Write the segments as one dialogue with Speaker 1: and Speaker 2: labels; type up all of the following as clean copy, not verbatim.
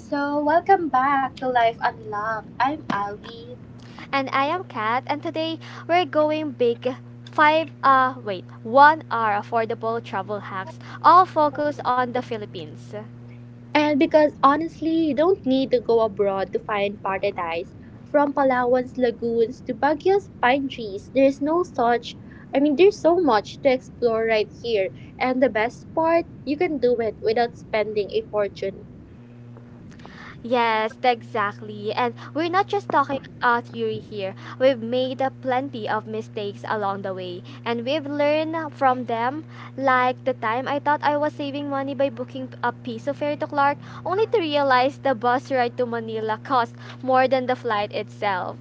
Speaker 1: So, welcome back to Life Unlocked. I'm Ali.
Speaker 2: And I am Kat, and today we're going big. One hour affordable travel hacks, all focused on the Philippines.
Speaker 1: And because honestly, you don't need to go abroad to find paradise. From Palawan's lagoons to Baguio's pine trees, there's no such I mean, there's so much to explore right here. And the best part, you can do it without spending a fortune.
Speaker 2: Yes, exactly. And we're not just talking theory here. We've made plenty of mistakes along the way, and we've learned from them. Like the time I thought I was saving money by booking a piece of fare to Clark, only to realize the bus ride to Manila cost more than the flight itself.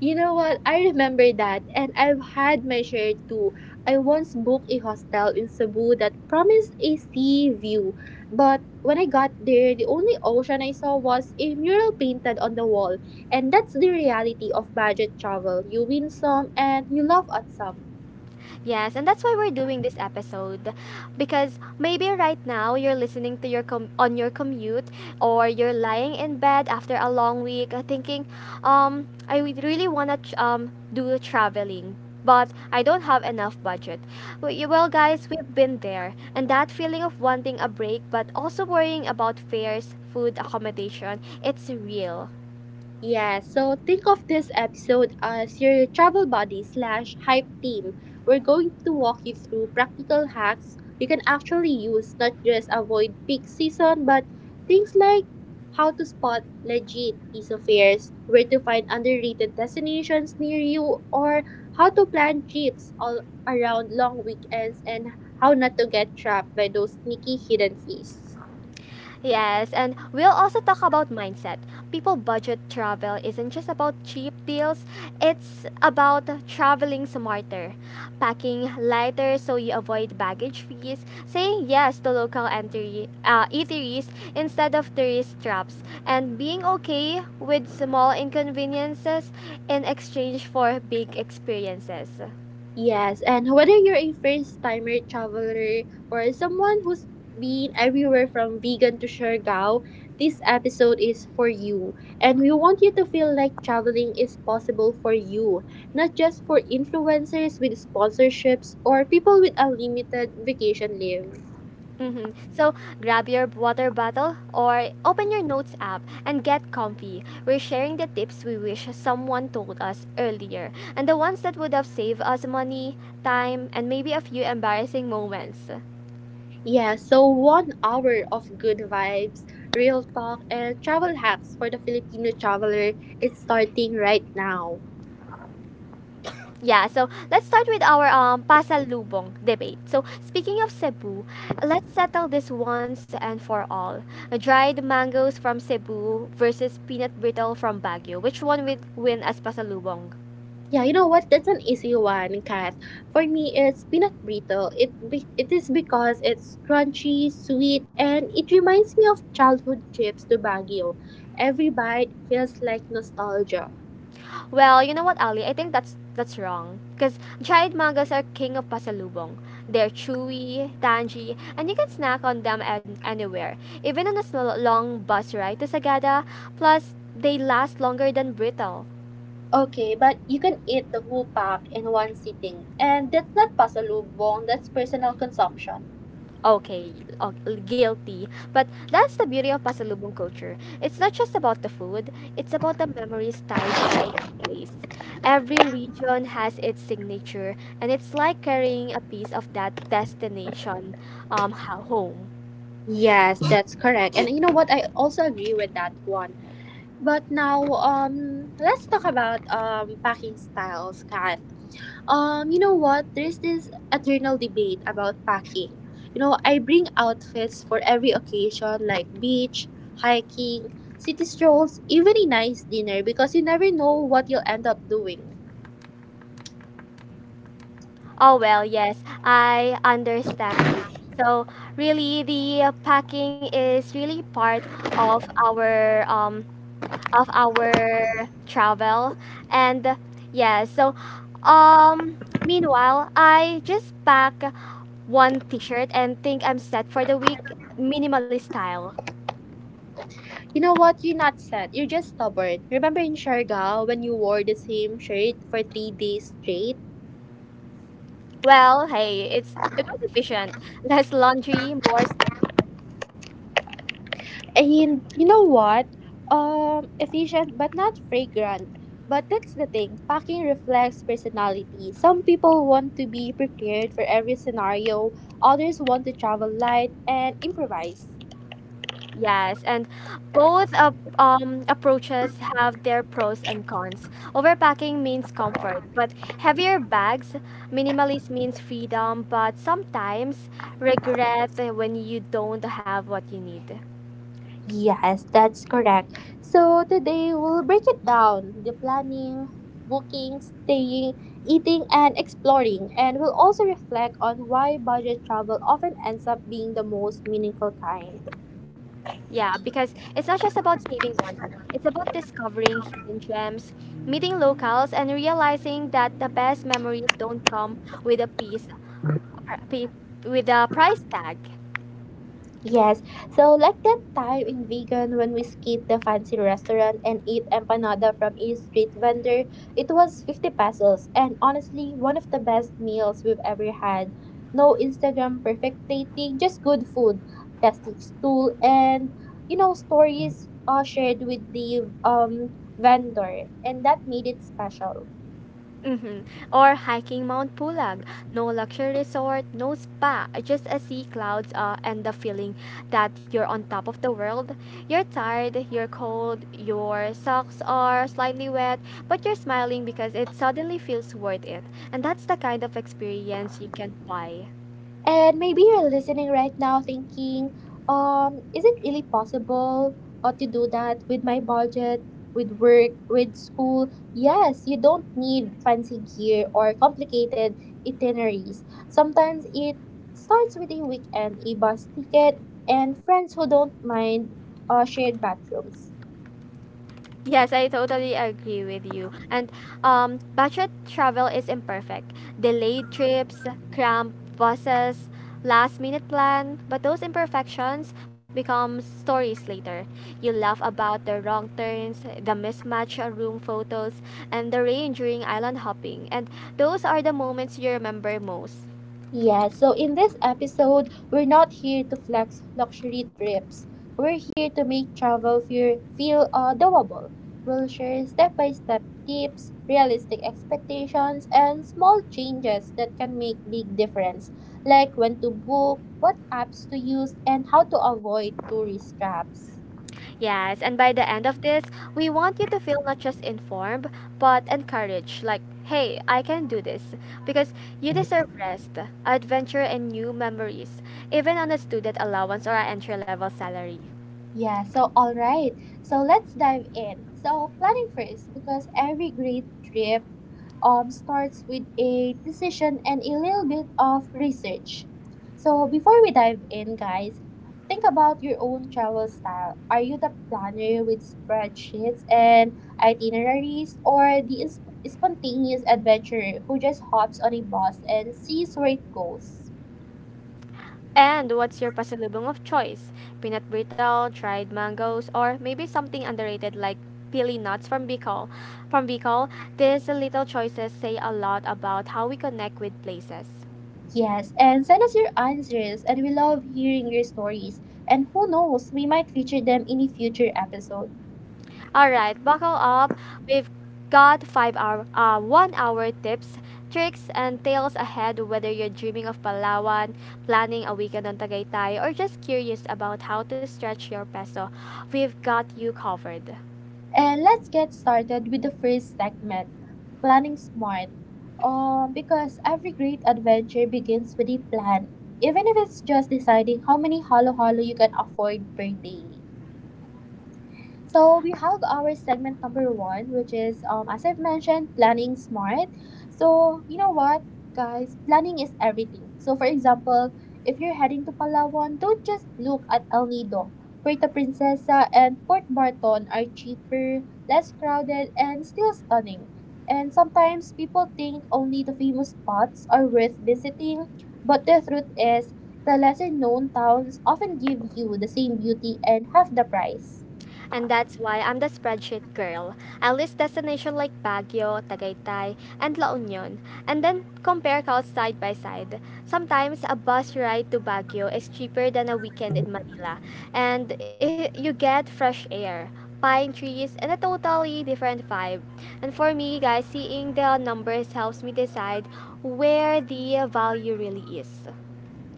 Speaker 1: You know what? I remember that, and I've had my share too. I once booked a hostel in Cebu that promised a sea view, but when I got there, the only ocean I saw was a mural painted on the wall, and that's the reality of budget travel. You win some and you laugh at some.
Speaker 2: Yes, and that's why we're doing this episode because maybe right now you're listening to your on your commute or you're lying in bed after a long week thinking, I would really want to do traveling but I don't have enough budget. Well, guys, we've been there, and that feeling of wanting a break but also worrying about fares, food, accommodation, it's real.
Speaker 1: Yeah, so think of this episode as your travel buddy slash hype team. We're going to walk you through practical hacks you can actually use, not just avoid peak season, but things like how to spot legit piece of fares, where to find underrated destinations near you, or how to plan trips all around long weekends and how not to get trapped by those sneaky hidden fees.
Speaker 2: Yes, and we'll also talk about mindset. People, budget travel isn't just about cheap deals, it's about traveling smarter, packing lighter so you avoid baggage fees, saying yes to local eateries instead of tourist traps, and being okay with small inconveniences in exchange for big experiences.
Speaker 1: Yes, and whether you're a first timer traveler or someone who's been everywhere from vegan to Siargao, this episode is for you. And we want you to feel like traveling is possible for you, not just for influencers with sponsorships or people with unlimited vacation leave.
Speaker 2: So grab your water bottle or open your notes app and get comfy. We're sharing the tips we wish someone told us earlier and the ones that would have saved us money, time, and maybe a few embarrassing moments.
Speaker 1: Yeah, so 1 hour of good vibes, real talk, and travel hacks for the Filipino traveler is starting right now.
Speaker 2: Yeah, so let's start with our pasalubong debate. So speaking of Cebu, let's settle this once and for all. Dried mangoes from Cebu versus peanut brittle from Baguio. Which one would win as pasalubong?
Speaker 1: Yeah, you know what? That's an easy one, Kat. For me, it's peanut brittle. It is because it's crunchy, sweet, and it reminds me of childhood trips to Baguio. Every bite feels like nostalgia.
Speaker 2: Well, you know what, Ali? I think that's wrong. Because dried mangoes are king of pasalubong. They're chewy, tangy, and you can snack on them anywhere, even on a small, long bus ride to Sagada. Plus, they last longer than brittle.
Speaker 1: Okay, but you can eat the whole pack in one sitting, and that's not pasalubong. That's personal consumption.
Speaker 2: Okay, o- guilty. But that's the beauty of pasalubong culture. It's not just about the food, it's about the memories tied place. Every region has its signature, and it's like carrying a piece of that destination home.
Speaker 1: Yes, that's correct. And you know what? I also agree with that one. But now, let's talk about packing styles, Kat. You know what? There's this eternal debate about packing. You know, I bring outfits for every occasion like beach, hiking, city strolls, even a nice dinner because you never know what you'll end up doing.
Speaker 2: Oh, well, yes, I understand you. So, really, the packing is really part of our um, of our travel, and uh, yeah. So, um, meanwhile, I just pack one T-shirt and think I'm set for the week, minimalist style.
Speaker 1: You know what? You're not sad. You're just stubborn. Remember in Siargao when you wore the same shirt for 3 days straight?
Speaker 2: Well, hey, it was efficient. Less laundry, more surfing.
Speaker 1: And you know what? Efficient but not fragrant. But that's the thing. Packing reflects personality. Some people want to be prepared for every scenario. Others want to travel light and improvise.
Speaker 2: Yes, and both approaches have their pros and cons. Overpacking means comfort, but heavier bags. Minimalist means freedom, but sometimes regret when you don't have what you need.
Speaker 1: Yes, that's correct. So today we'll break it down the planning, booking, staying, eating, and exploring. And we'll also reflect on why budget travel often ends up being the most meaningful kind.
Speaker 2: Yeah, because it's not just about saving money. It's about discovering hidden gems, meeting locals, and realizing that the best memories don't come with a piece pr- pi- with a price tag.
Speaker 1: Yes, so like that time in vegan when we skipped the fancy restaurant and eat empanada from a street vendor, it was 50 pesos and honestly one of the best meals we've ever had. No Instagram perfect dating, just good food, plastic stool and stories shared with the vendor, and that made it special.
Speaker 2: Mhm. Or hiking Mount Pulag. No luxury resort, no spa, just a sea clouds and the feeling that you're on top of the world. You're tired, you're cold, your socks are slightly wet, but you're smiling because it suddenly feels worth it. And that's the kind of experience you can buy.
Speaker 1: And maybe you're listening right now thinking, is it really possible to do that with my budget, with work, with school? Yes, you don't need fancy gear or complicated itineraries. Sometimes it starts with a weekend, a bus ticket, and friends who don't mind shared bathrooms.
Speaker 2: Yes, I totally agree with you. And budget travel is imperfect. Delayed trips, cramped buses, last minute plan, but those imperfections become stories later. You laugh about the wrong turns, the mismatched room photos, and the rain during island hopping. And those are the moments you remember most.
Speaker 1: Yeah, so in this episode, we're not here to flex luxury trips. We're here to make travel feel doable. We'll share step by step tips, realistic expectations, and small changes that can make big difference, like when to book, what apps to use, and how to avoid tourist traps.
Speaker 2: Yes, and by the end of this, we want you to feel not just informed, but encouraged. Like, hey, I can do this. Because you deserve rest, adventure, and new memories, even on a student allowance or an entry level salary.
Speaker 1: Yeah, so all right. So let's dive in. So planning first because every great trip starts with a decision and a little bit of research. So before we dive in, guys, think about your own travel style. Are you the planner with spreadsheets and itineraries or the spontaneous adventurer who just hops on a bus and sees where it goes?
Speaker 2: And what's your pasalubong of choice? Peanut brittle, dried mangoes, or maybe something underrated like pili nuts from Bicol. From Bicol, these little choices say a lot about how we connect with places.
Speaker 1: Yes, and send us your answers, and we love hearing your stories. And who knows, we might feature them in a future episode.
Speaker 2: All right, buckle up. We've got one hour tips, tricks, and tales ahead. Whether you're dreaming of Palawan, planning a weekend on Tagaytay, or just curious about how to stretch your peso, we've got you covered.
Speaker 1: And let's get started with the first segment, Planning Smart. Because every great adventure begins with a plan, even if it's just deciding how many halo halo you can afford per day. So we have our segment number one, which is as I've mentioned, planning smart. So you know what, guys, planning is everything. So for example, if you're heading to Palawan, don't just look at El Nido. Puerto Princesa and Port Barton are cheaper, less crowded, and still stunning. And sometimes people think only the famous spots are worth visiting, but the truth is, the lesser known towns often give you the same beauty and half the price.
Speaker 2: And that's why I'm the spreadsheet girl. I list destinations like Baguio, Tagaytay, and La Union, and then compare costs side by side. Sometimes a bus ride to Baguio is cheaper than a weekend in Manila, and I you get fresh air, pine trees, and a totally different vibe. And for me, guys, seeing the numbers helps me decide where the value really is.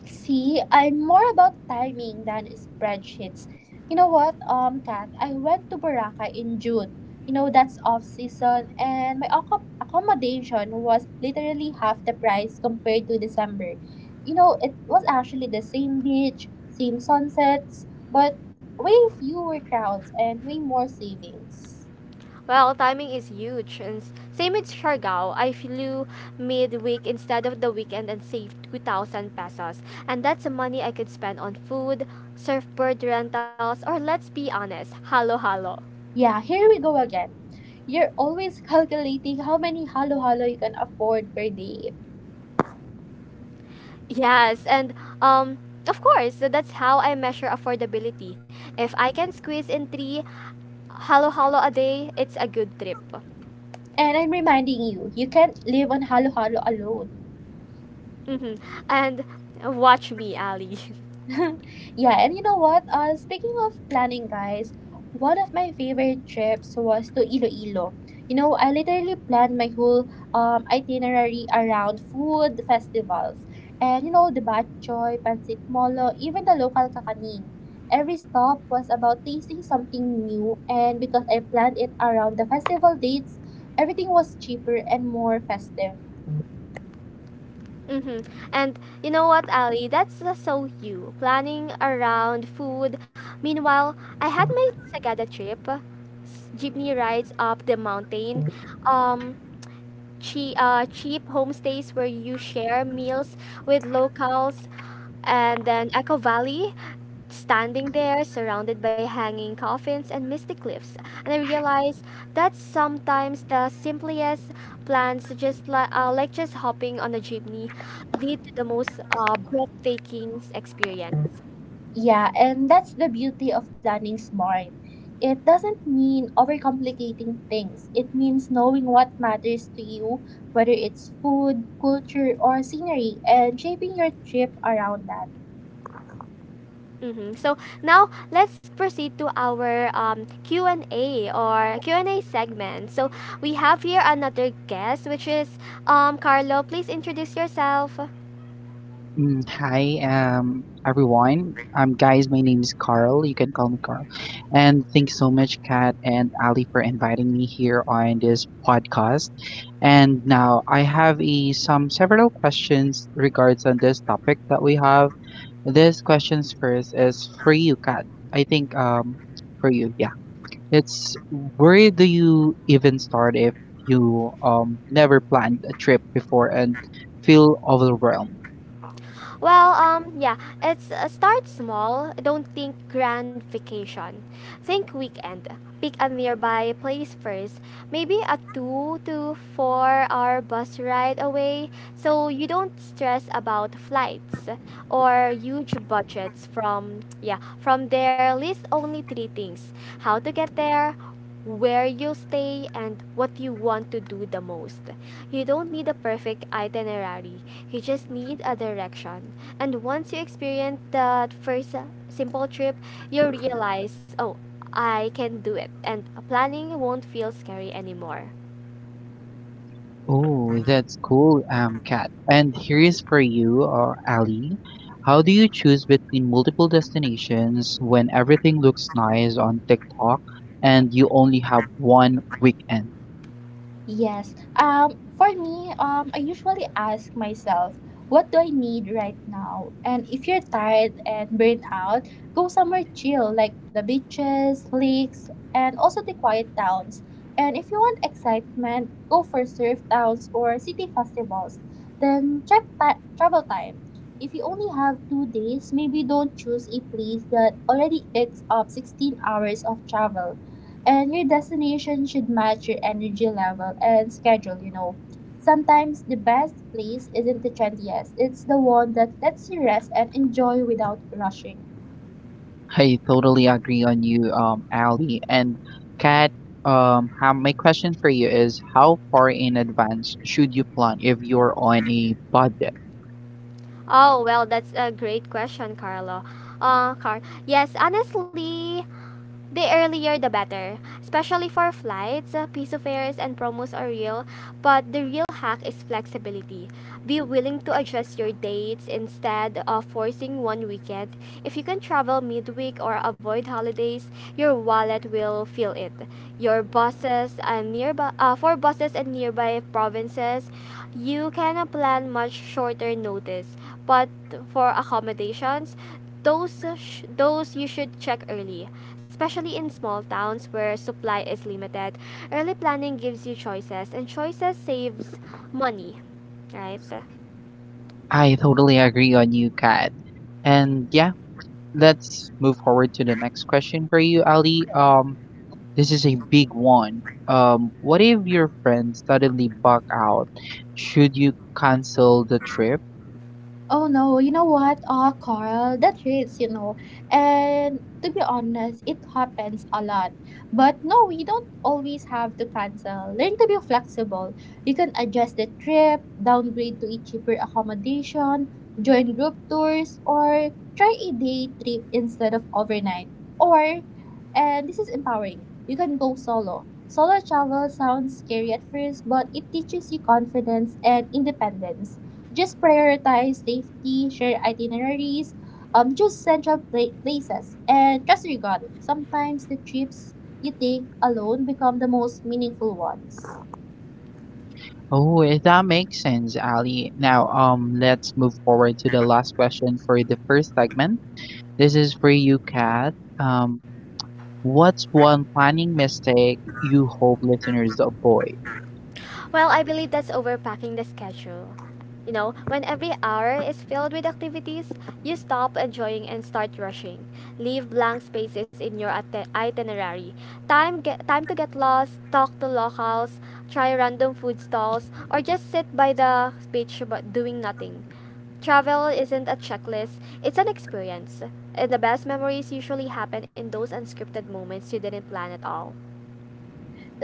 Speaker 1: See, I'm more about timing than spreadsheets. You know what, Kat, I went to Boracay in June. You know, that's off season, and my accommodation was literally half the price compared to December. You know, it was actually the same beach, same sunsets, but way fewer crowds and way more savings.
Speaker 2: Well, timing is huge. And same with Siargao, I flew midweek instead of the weekend and saved 2,000 pesos. And that's the money I could spend on food, surfboard rentals, or let's be honest, halo halo.
Speaker 1: Yeah, here we go again. You're always calculating how many halo halo you can afford per day.
Speaker 2: Yes, and um, of course, so that's how I measure affordability. If I can squeeze in three halo halo a day, it's a good trip.
Speaker 1: And I'm reminding you, you can't live on Halo Halo alone.
Speaker 2: hmm And watch me, Ali.
Speaker 1: Yeah, and you know what? Speaking of planning, guys, one of my favorite trips was to Iloilo. You know, I literally planned my whole itinerary around food festivals. And you know, the Batchoy, Pansit Molo, even the local kakanin. Every stop was about tasting something new, and because I planned it around the festival dates, everything was cheaper and more festive.
Speaker 2: Mm-hmm. And you know what, Ali? That's So you planning around food. Meanwhile, I had my Sagada trip, jeepney rides up the mountain. Um, Cheap homestays where you share meals with locals, and then Echo Valley, standing there surrounded by hanging coffins and misty cliffs. And I realized that sometimes the simplest plans, like just hopping on a jeepney, lead to the most breathtaking experience.
Speaker 1: Yeah, and that's the beauty of planning smart. It doesn't mean overcomplicating things. It means knowing what matters to you, whether it's food, culture, or scenery, and shaping your trip around that.
Speaker 2: Mm-hmm. So now let's proceed to our Q and A segment. So we have here another guest, which is Carlo. Please introduce yourself.
Speaker 3: Hi, everyone. Guys, my name is Carl. You can call me Carl. And thanks so much, Kat and Ali, for inviting me here on this podcast. And now I have some several questions regards on this topic that we have. This questions first is for you, Kat. I think for you, yeah. It's where do you even start if you never planned a trip before and feel overwhelmed?
Speaker 2: Well, yeah, it's Start small. Don't think grand vacation. Think weekend. Pick a nearby place first, maybe a 2 to 4 hour bus ride away, so you don't stress about flights or huge budgets. From there, list only three things: how to get there, where you'll stay, and what you want to do the most. You don't need a perfect itinerary. You just need a direction. And once you experience that first simple trip, you realize, oh, I can do it. And planning won't feel scary anymore.
Speaker 3: Oh, that's cool, Kat. And here's for you, Ali. How do you choose between multiple destinations when everything looks nice on TikTok and you only have one weekend?
Speaker 1: Yes. For me, I usually ask myself, what do I need right now? And if you're tired and burnt out, go somewhere chill, like the beaches, lakes, and also the quiet towns. And if you want excitement, go for surf towns or city festivals. Then check travel time. If you only have 2 days, maybe don't choose a place that already eats up 16 hours of travel, and your destination should match your energy level and schedule, you know. Sometimes the best place isn't the trendiest, it's the one that lets you rest and enjoy without rushing.
Speaker 3: I totally agree on you, Ali. And Kat, my question for you is how far in advance should you plan if you're on a budget?
Speaker 2: Oh, well, that's a great question, Carl. Yes, honestly, the earlier the better, especially for flights, piece of fares, and promos are real, but the real hack is flexibility. Be willing to adjust your dates instead of forcing one weekend. If you can travel midweek or avoid holidays, your wallet will feel it. Your buses and nearby for buses and nearby provinces, you can plan much shorter notice, but for accommodations, those you should check early, especially in small towns where supply is limited. Early planning gives you choices, and choices saves money, right?
Speaker 3: I totally agree on you, Kat. And yeah, let's move forward to the next question for you, Ali. This is a big one. What if your friend suddenly back out? Should you cancel the trip?
Speaker 1: Oh no, you know what? Oh, Carl, that hurts, you know. And to be honest, it happens a lot. But no, we don't always have to cancel. Learn to be flexible. You can adjust the trip, downgrade to a cheaper accommodation, join group tours, or try a day trip instead of overnight. Or, and this is empowering, you can go solo. Solo travel sounds scary at first, but it teaches you confidence and independence. Just prioritize safety, share itineraries, choose central places, and trust your gut. Sometimes the trips you take alone become the most meaningful ones.
Speaker 3: Oh, that makes sense, Ali. Now, let's move forward to the last question for the first segment. This is for you, Kat. What's one planning mistake you hope listeners avoid?
Speaker 2: Well, I believe that's overpacking the schedule. You know, when every hour is filled with activities, you stop enjoying and start rushing. Leave blank spaces in your itinerary. Time to get lost, talk to locals, try random food stalls, or just sit by the beach but doing nothing. Travel isn't a checklist, it's an experience. And the best memories usually happen in those unscripted moments you didn't plan at all.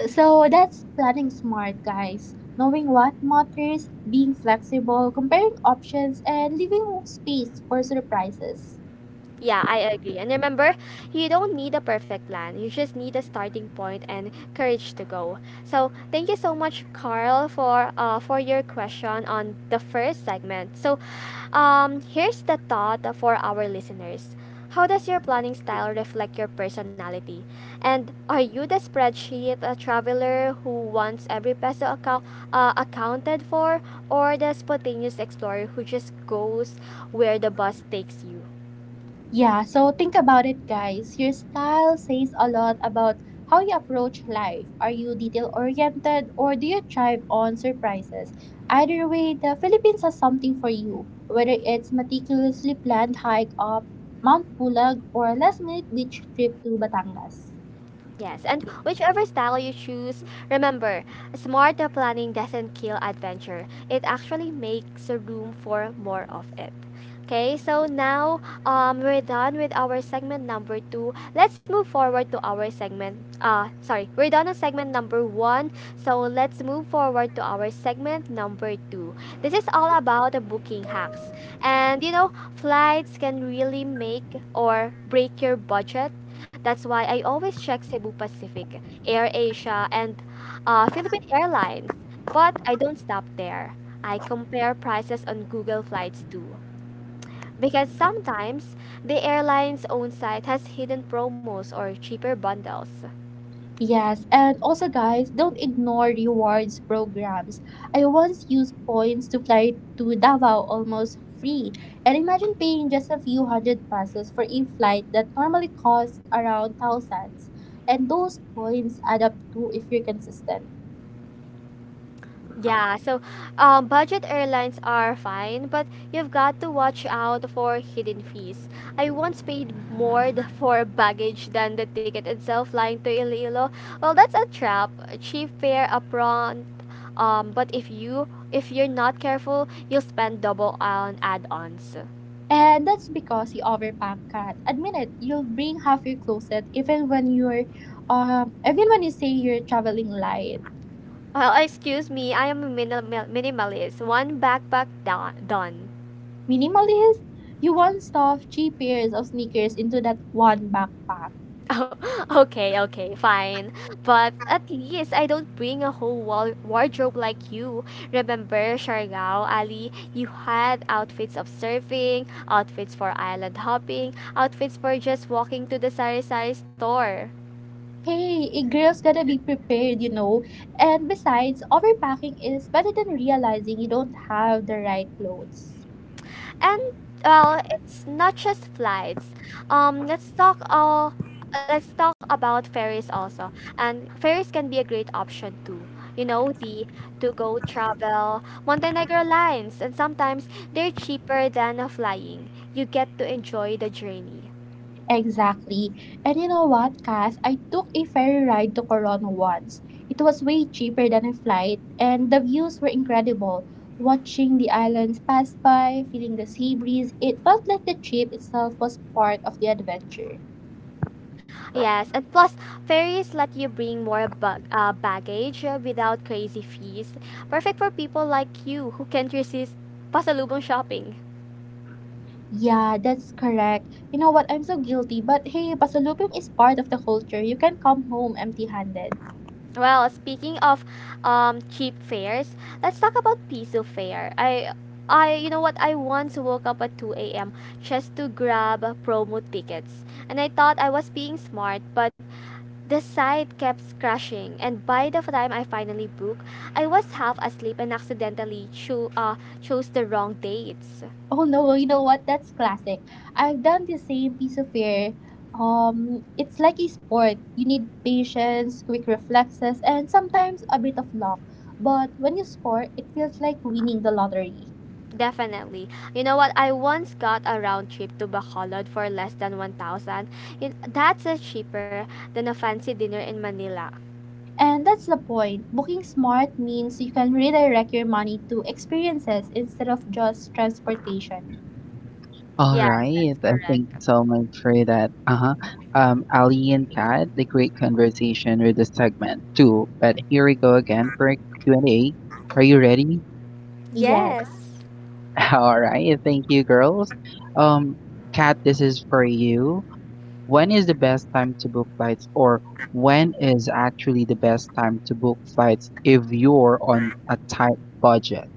Speaker 1: So that's planning smart, guys. Knowing what matters, being flexible, comparing options, and leaving space for surprises.
Speaker 2: Yeah, I agree. And remember, you don't need a perfect plan. You just need a starting point and courage to go. So, thank you so much, Carl, for your question on the first segment. So, here's the thought for our listeners. How does your planning style reflect your personality? And are you the spreadsheet traveler who wants every peso accounted for, or the spontaneous explorer who just goes where the bus takes you?
Speaker 1: Yeah, so think about it, guys. Your style says a lot about how you approach life. Are you detail oriented or do you thrive on surprises? Either way, the Philippines has something for you, whether it's meticulously planned hike up Mount Pulag or a last minute beach trip to Batangas.
Speaker 2: Yes, and whichever style you choose, remember, smart planning doesn't kill adventure. It actually makes room for more of it. Okay, so now we're done with our segment number two. Let's move forward to our segment. Sorry, we're done on segment number one. So let's move forward to our segment number two. This is all about the booking hacks. And you know, flights can really make or break your budget. That's why I always check Cebu Pacific, Air Asia, and Philippine Airlines. But I don't stop there. I compare prices on Google Flights too. Because sometimes the airline's own site has hidden promos or cheaper bundles.
Speaker 1: Yes, and also guys, don't ignore rewards programs. I once used points to fly to Davao almost free. And imagine paying just a few hundred pesos for a flight that normally costs around thousands. And those points add up too if you're consistent.
Speaker 2: Yeah, so budget airlines are fine, but you've got to watch out for hidden fees. I once paid more for baggage than the ticket itself flying to Iloilo. Well, that's a trap. Cheap fare upfront, but if you're not careful, you'll spend double on add-ons.
Speaker 1: And that's because you overpack cat. Admit it, you'll bring half your closet even when you're even when you say you're traveling light.
Speaker 2: Well, excuse me, I am a minimalist. One backpack, done.
Speaker 1: Minimalist? You won't stuff three pairs of sneakers into that one backpack.
Speaker 2: Oh, okay, okay, fine. But at least I don't bring a whole wardrobe like you. Remember, Shargao, Ali, you had outfits of surfing, outfits for island hopping, outfits for just walking to the sari sari store.
Speaker 1: Hey, a girl's gotta be prepared, you know. And besides, overpacking is better than realizing you don't have the right clothes.
Speaker 2: And well, it's not just flights. Let's talk all. Let's talk about ferries also. And ferries can be a great option too. You know the to go travel Montenegro lines, and sometimes they're cheaper than a flying. You get to enjoy the journey.
Speaker 1: Exactly. And you know what, Cass? I took a ferry ride to Corona once. It was way cheaper than a flight, and the views were incredible. Watching the islands pass by, feeling the sea breeze, it felt like the trip itself was part of the adventure.
Speaker 2: Yes, and plus ferries let you bring baggage without crazy fees. Perfect for people like you who can't resist pasalubong shopping.
Speaker 1: Yeah, that's correct. You know what? I'm so guilty. But hey, pasalubong is part of the culture. You can come home empty-handed.
Speaker 2: Well, speaking of cheap fares, let's talk about Piso fare. I you know what I once woke up at 2 a.m. just to grab promo tickets. And I thought I was being smart, but the site kept crashing and by the time I finally booked, I was half asleep and accidentally chose the wrong dates.
Speaker 1: Oh no, well, you know what? That's classic. I've done the same piece of fare. It's like a sport. You need patience, quick reflexes, and sometimes a bit of luck. But when you score, it feels like winning the lottery.
Speaker 2: Definitely. You know what? I once got a round trip to Bacolod for less than 1,000. You That's cheaper than a fancy dinner in Manila.
Speaker 1: And that's the point. Booking smart means you can redirect your money to experiences instead of just transportation.
Speaker 3: All
Speaker 2: Yes,
Speaker 3: right.
Speaker 2: that's correct.
Speaker 3: Thank you so much for that. Uh-huh. Ali and Kat, the great conversation with the segment too. But here we go again for a Q&A. Are you ready?
Speaker 1: Yes.
Speaker 2: Yes.
Speaker 3: All right. Thank you, girls. Um, Kat, this is for you. When is the best time to book flights, or when is actually the best time to book flights if you're on a tight budget?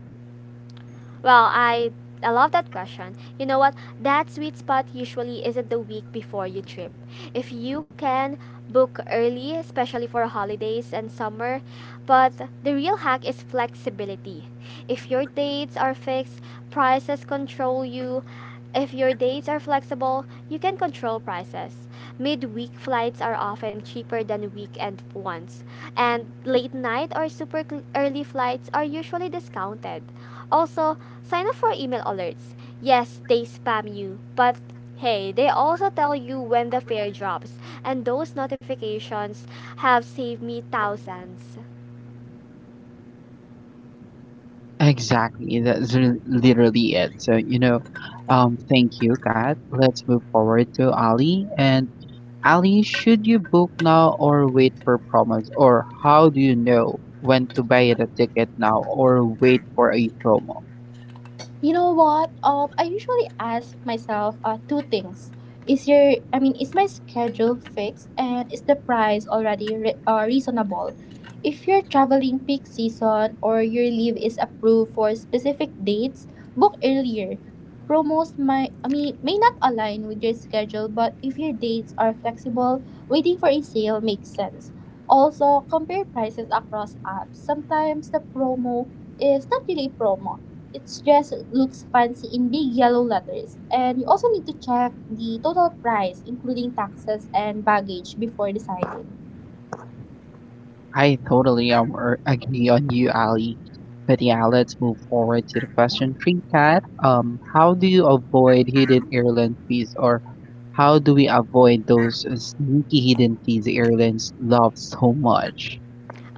Speaker 2: Well, I love that question. You know what? That sweet spot usually isn't the week before you trip. If you can book early, especially for holidays and summer, but the real hack is flexibility. If your dates are fixed, prices control you. If your dates are flexible, you can control prices. Midweek flights are often cheaper than weekend ones, and late night or early flights are usually discounted. Also, sign up for email alerts. Yes, they spam you, but hey, they also tell you when the fare drops, and those notifications have saved me thousands.
Speaker 3: Exactly, that's literally it. So, you know, thank you, Kat. Let's move forward to Ali. And Ali, should you book now or wait for promos? Or how do you know when to buy the ticket now or wait for a promo?
Speaker 1: You know what? I usually ask myself two things. Is your I mean, is my schedule fixed and is the price already reasonable? If you're traveling peak season or your leave is approved for specific dates, book earlier. Promos might I mean may not align with your schedule, but if your dates are flexible, waiting for a sale makes sense. Also, compare prices across apps. Sometimes the promo is not really a promo, it just looks fancy in big yellow letters. And you also need to check the total price, including taxes and baggage, before deciding.
Speaker 3: I totally agree on you, Ali. But yeah, let's move forward to the question three, Kat. How do you avoid hidden airline fees, or how do we avoid those sneaky hidden fees airlines love so much?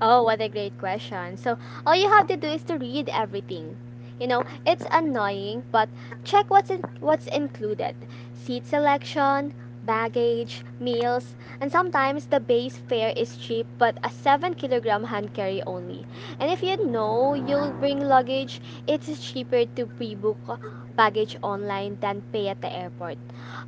Speaker 2: Oh, what a great question. So, all you have to do is to read everything. You know, it's annoying, but check what's included. Seat selection, baggage, meals, and sometimes the base fare is cheap but a 7 kilogram hand carry only. And if you know you'll bring luggage, it's cheaper to pre-book baggage online than pay at the airport.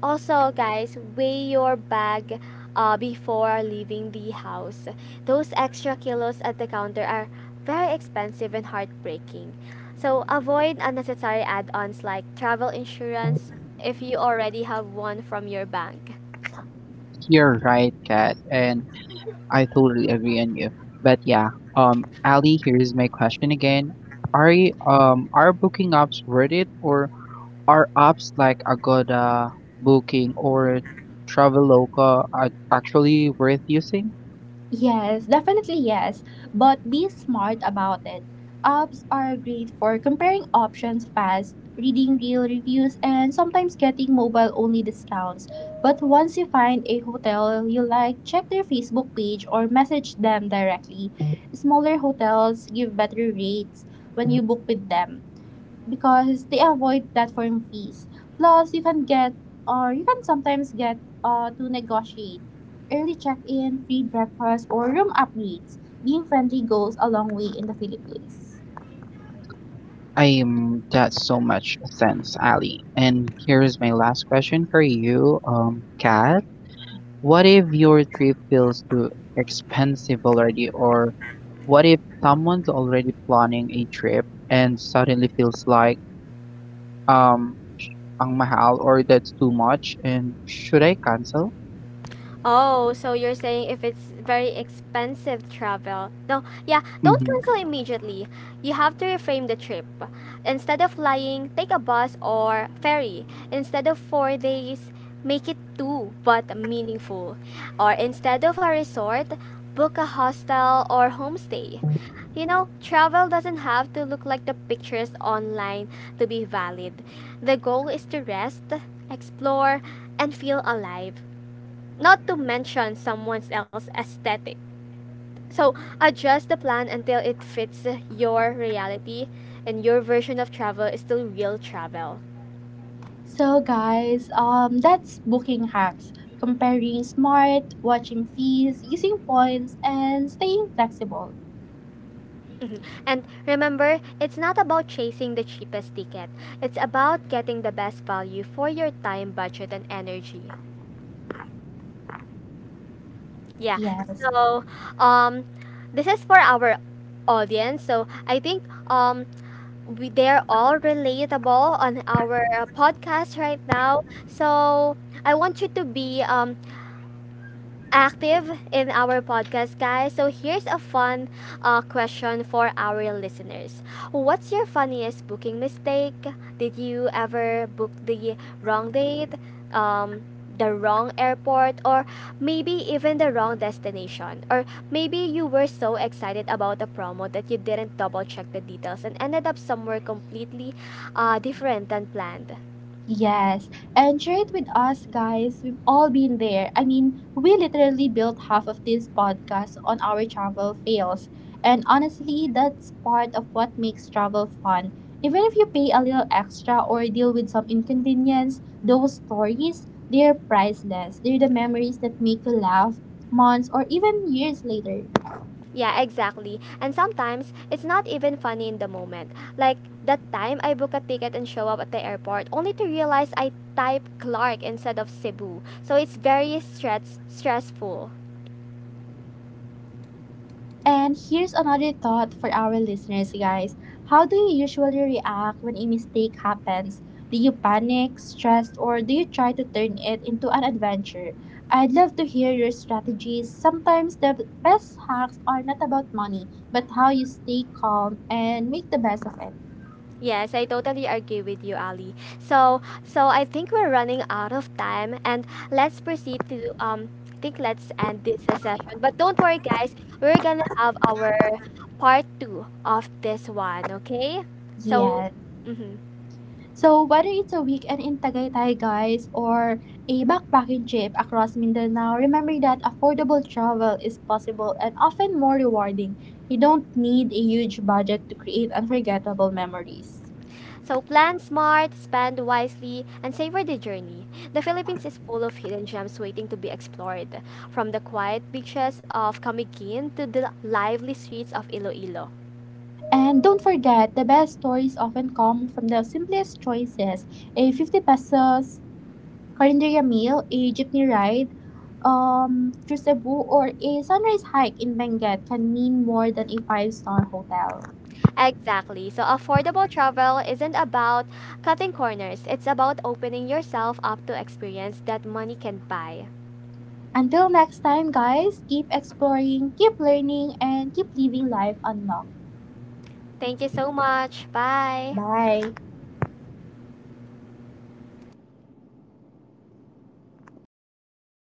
Speaker 2: Also, guys, weigh your bag before leaving the house. Those extra kilos at the counter are very expensive and heartbreaking. So avoid unnecessary add ons like travel insurance if you already have one from your bank.
Speaker 3: You're right, Kat, and I totally agree on you. But yeah, Ali, here's my question again: Are booking apps worth it, or are apps like Agoda, Booking, or Traveloka actually worth using?
Speaker 1: Yes, definitely yes. But be smart about it. Apps are great for comparing options fast, reading real reviews, and sometimes getting mobile only discounts. But once you find a hotel you like, check their Facebook page or message them directly. Smaller hotels give better rates when you book with them, because they avoid platform fees. Plus, you can get, or you can sometimes get to negotiate early check-in, free breakfast, or room upgrades. Being friendly goes a long way in the Philippines.
Speaker 3: I'm that's so much sense, Ali. And here's my last question for you, Kat. What if your trip feels too expensive already, or what if someone's already planning a trip and suddenly feels like, um, sh- ang mahal or that's too much, and should I cancel?
Speaker 2: Oh, so you're saying if it's very expensive travel. No, yeah, don't
Speaker 3: Mhm.
Speaker 2: cancel immediately. You have to reframe the trip. Instead of flying, take a bus or ferry. Instead of 4 days, make it two but meaningful. Or instead of a resort, book a hostel or homestay. You know, travel doesn't have to look like the pictures online to be valid. The goal is to rest, explore, and feel alive, not to mention someone else's aesthetic. So adjust the plan until it fits your reality, and your version of travel is still real travel.
Speaker 1: So guys, that's booking hacks. Comparing smart, watching fees, using points, and staying flexible.
Speaker 2: Mhm. And remember, it's not about chasing the cheapest ticket. It's about getting the best value for your time, budget, and energy. Yeah.
Speaker 1: Yes.
Speaker 2: So, um, this is for our audience. So I think um we they're all relatable on our podcast right now. So I want you to be active in our podcast, guys. So here's a fun question for our listeners. What's your funniest booking mistake? Did you ever book the wrong date, um, the wrong airport, or maybe even the wrong destination? Or maybe you were so excited about a promo that you didn't double check the details and ended up somewhere completely different than planned.
Speaker 1: Yes, and share it with us, guys. We've all been there. I mean, we literally built half of this podcast on our travel fails. And honestly, that's part of what makes travel fun. Even if you pay a little extra or deal with some inconvenience, those stories, they're priceless. They're the memories that make you laugh months or even years later.
Speaker 2: Yeah, exactly. And sometimes it's not even funny in the moment. Like that time I book a ticket and show up at the airport only to realize I type Clark instead of Cebu. So it's very stressful.
Speaker 1: And here's another thought for our listeners, guys. How do you usually react when a mistake happens? Do you panic, stress, or do you try to turn it into an adventure? I'd love to hear your strategies. Sometimes the best hacks are not about money, but how you stay calm and make the best of it.
Speaker 2: Yes, I totally agree with you, Ali. So I think we're running out of time and let's proceed to I think let's end this session. But don't worry guys, we're gonna have our part two of this one, okay? So
Speaker 1: Yes.
Speaker 2: mm-hmm.
Speaker 1: So, whether it's a weekend in Tagaytay, guys, or a backpacking trip across Mindanao, remember that affordable travel is possible and often more rewarding. You don't need a huge budget to create unforgettable memories.
Speaker 2: So plan smart, spend wisely, and savor the journey. The Philippines is full of hidden gems waiting to be explored, from the quiet beaches of Camiguin to the lively streets of Iloilo.
Speaker 1: And don't forget, the best stories often come from the simplest choices: a 50 pesos calendaria meal, a jeepney ride, through Cebu, or a sunrise hike in Benguet can mean more than a five-star hotel.
Speaker 2: Exactly. So affordable travel isn't about cutting corners. It's about opening yourself up to experience that money can buy.
Speaker 1: Until next time, guys, keep exploring, keep learning, and keep living life unlocked.
Speaker 2: Thank you so much. Bye.
Speaker 1: Bye.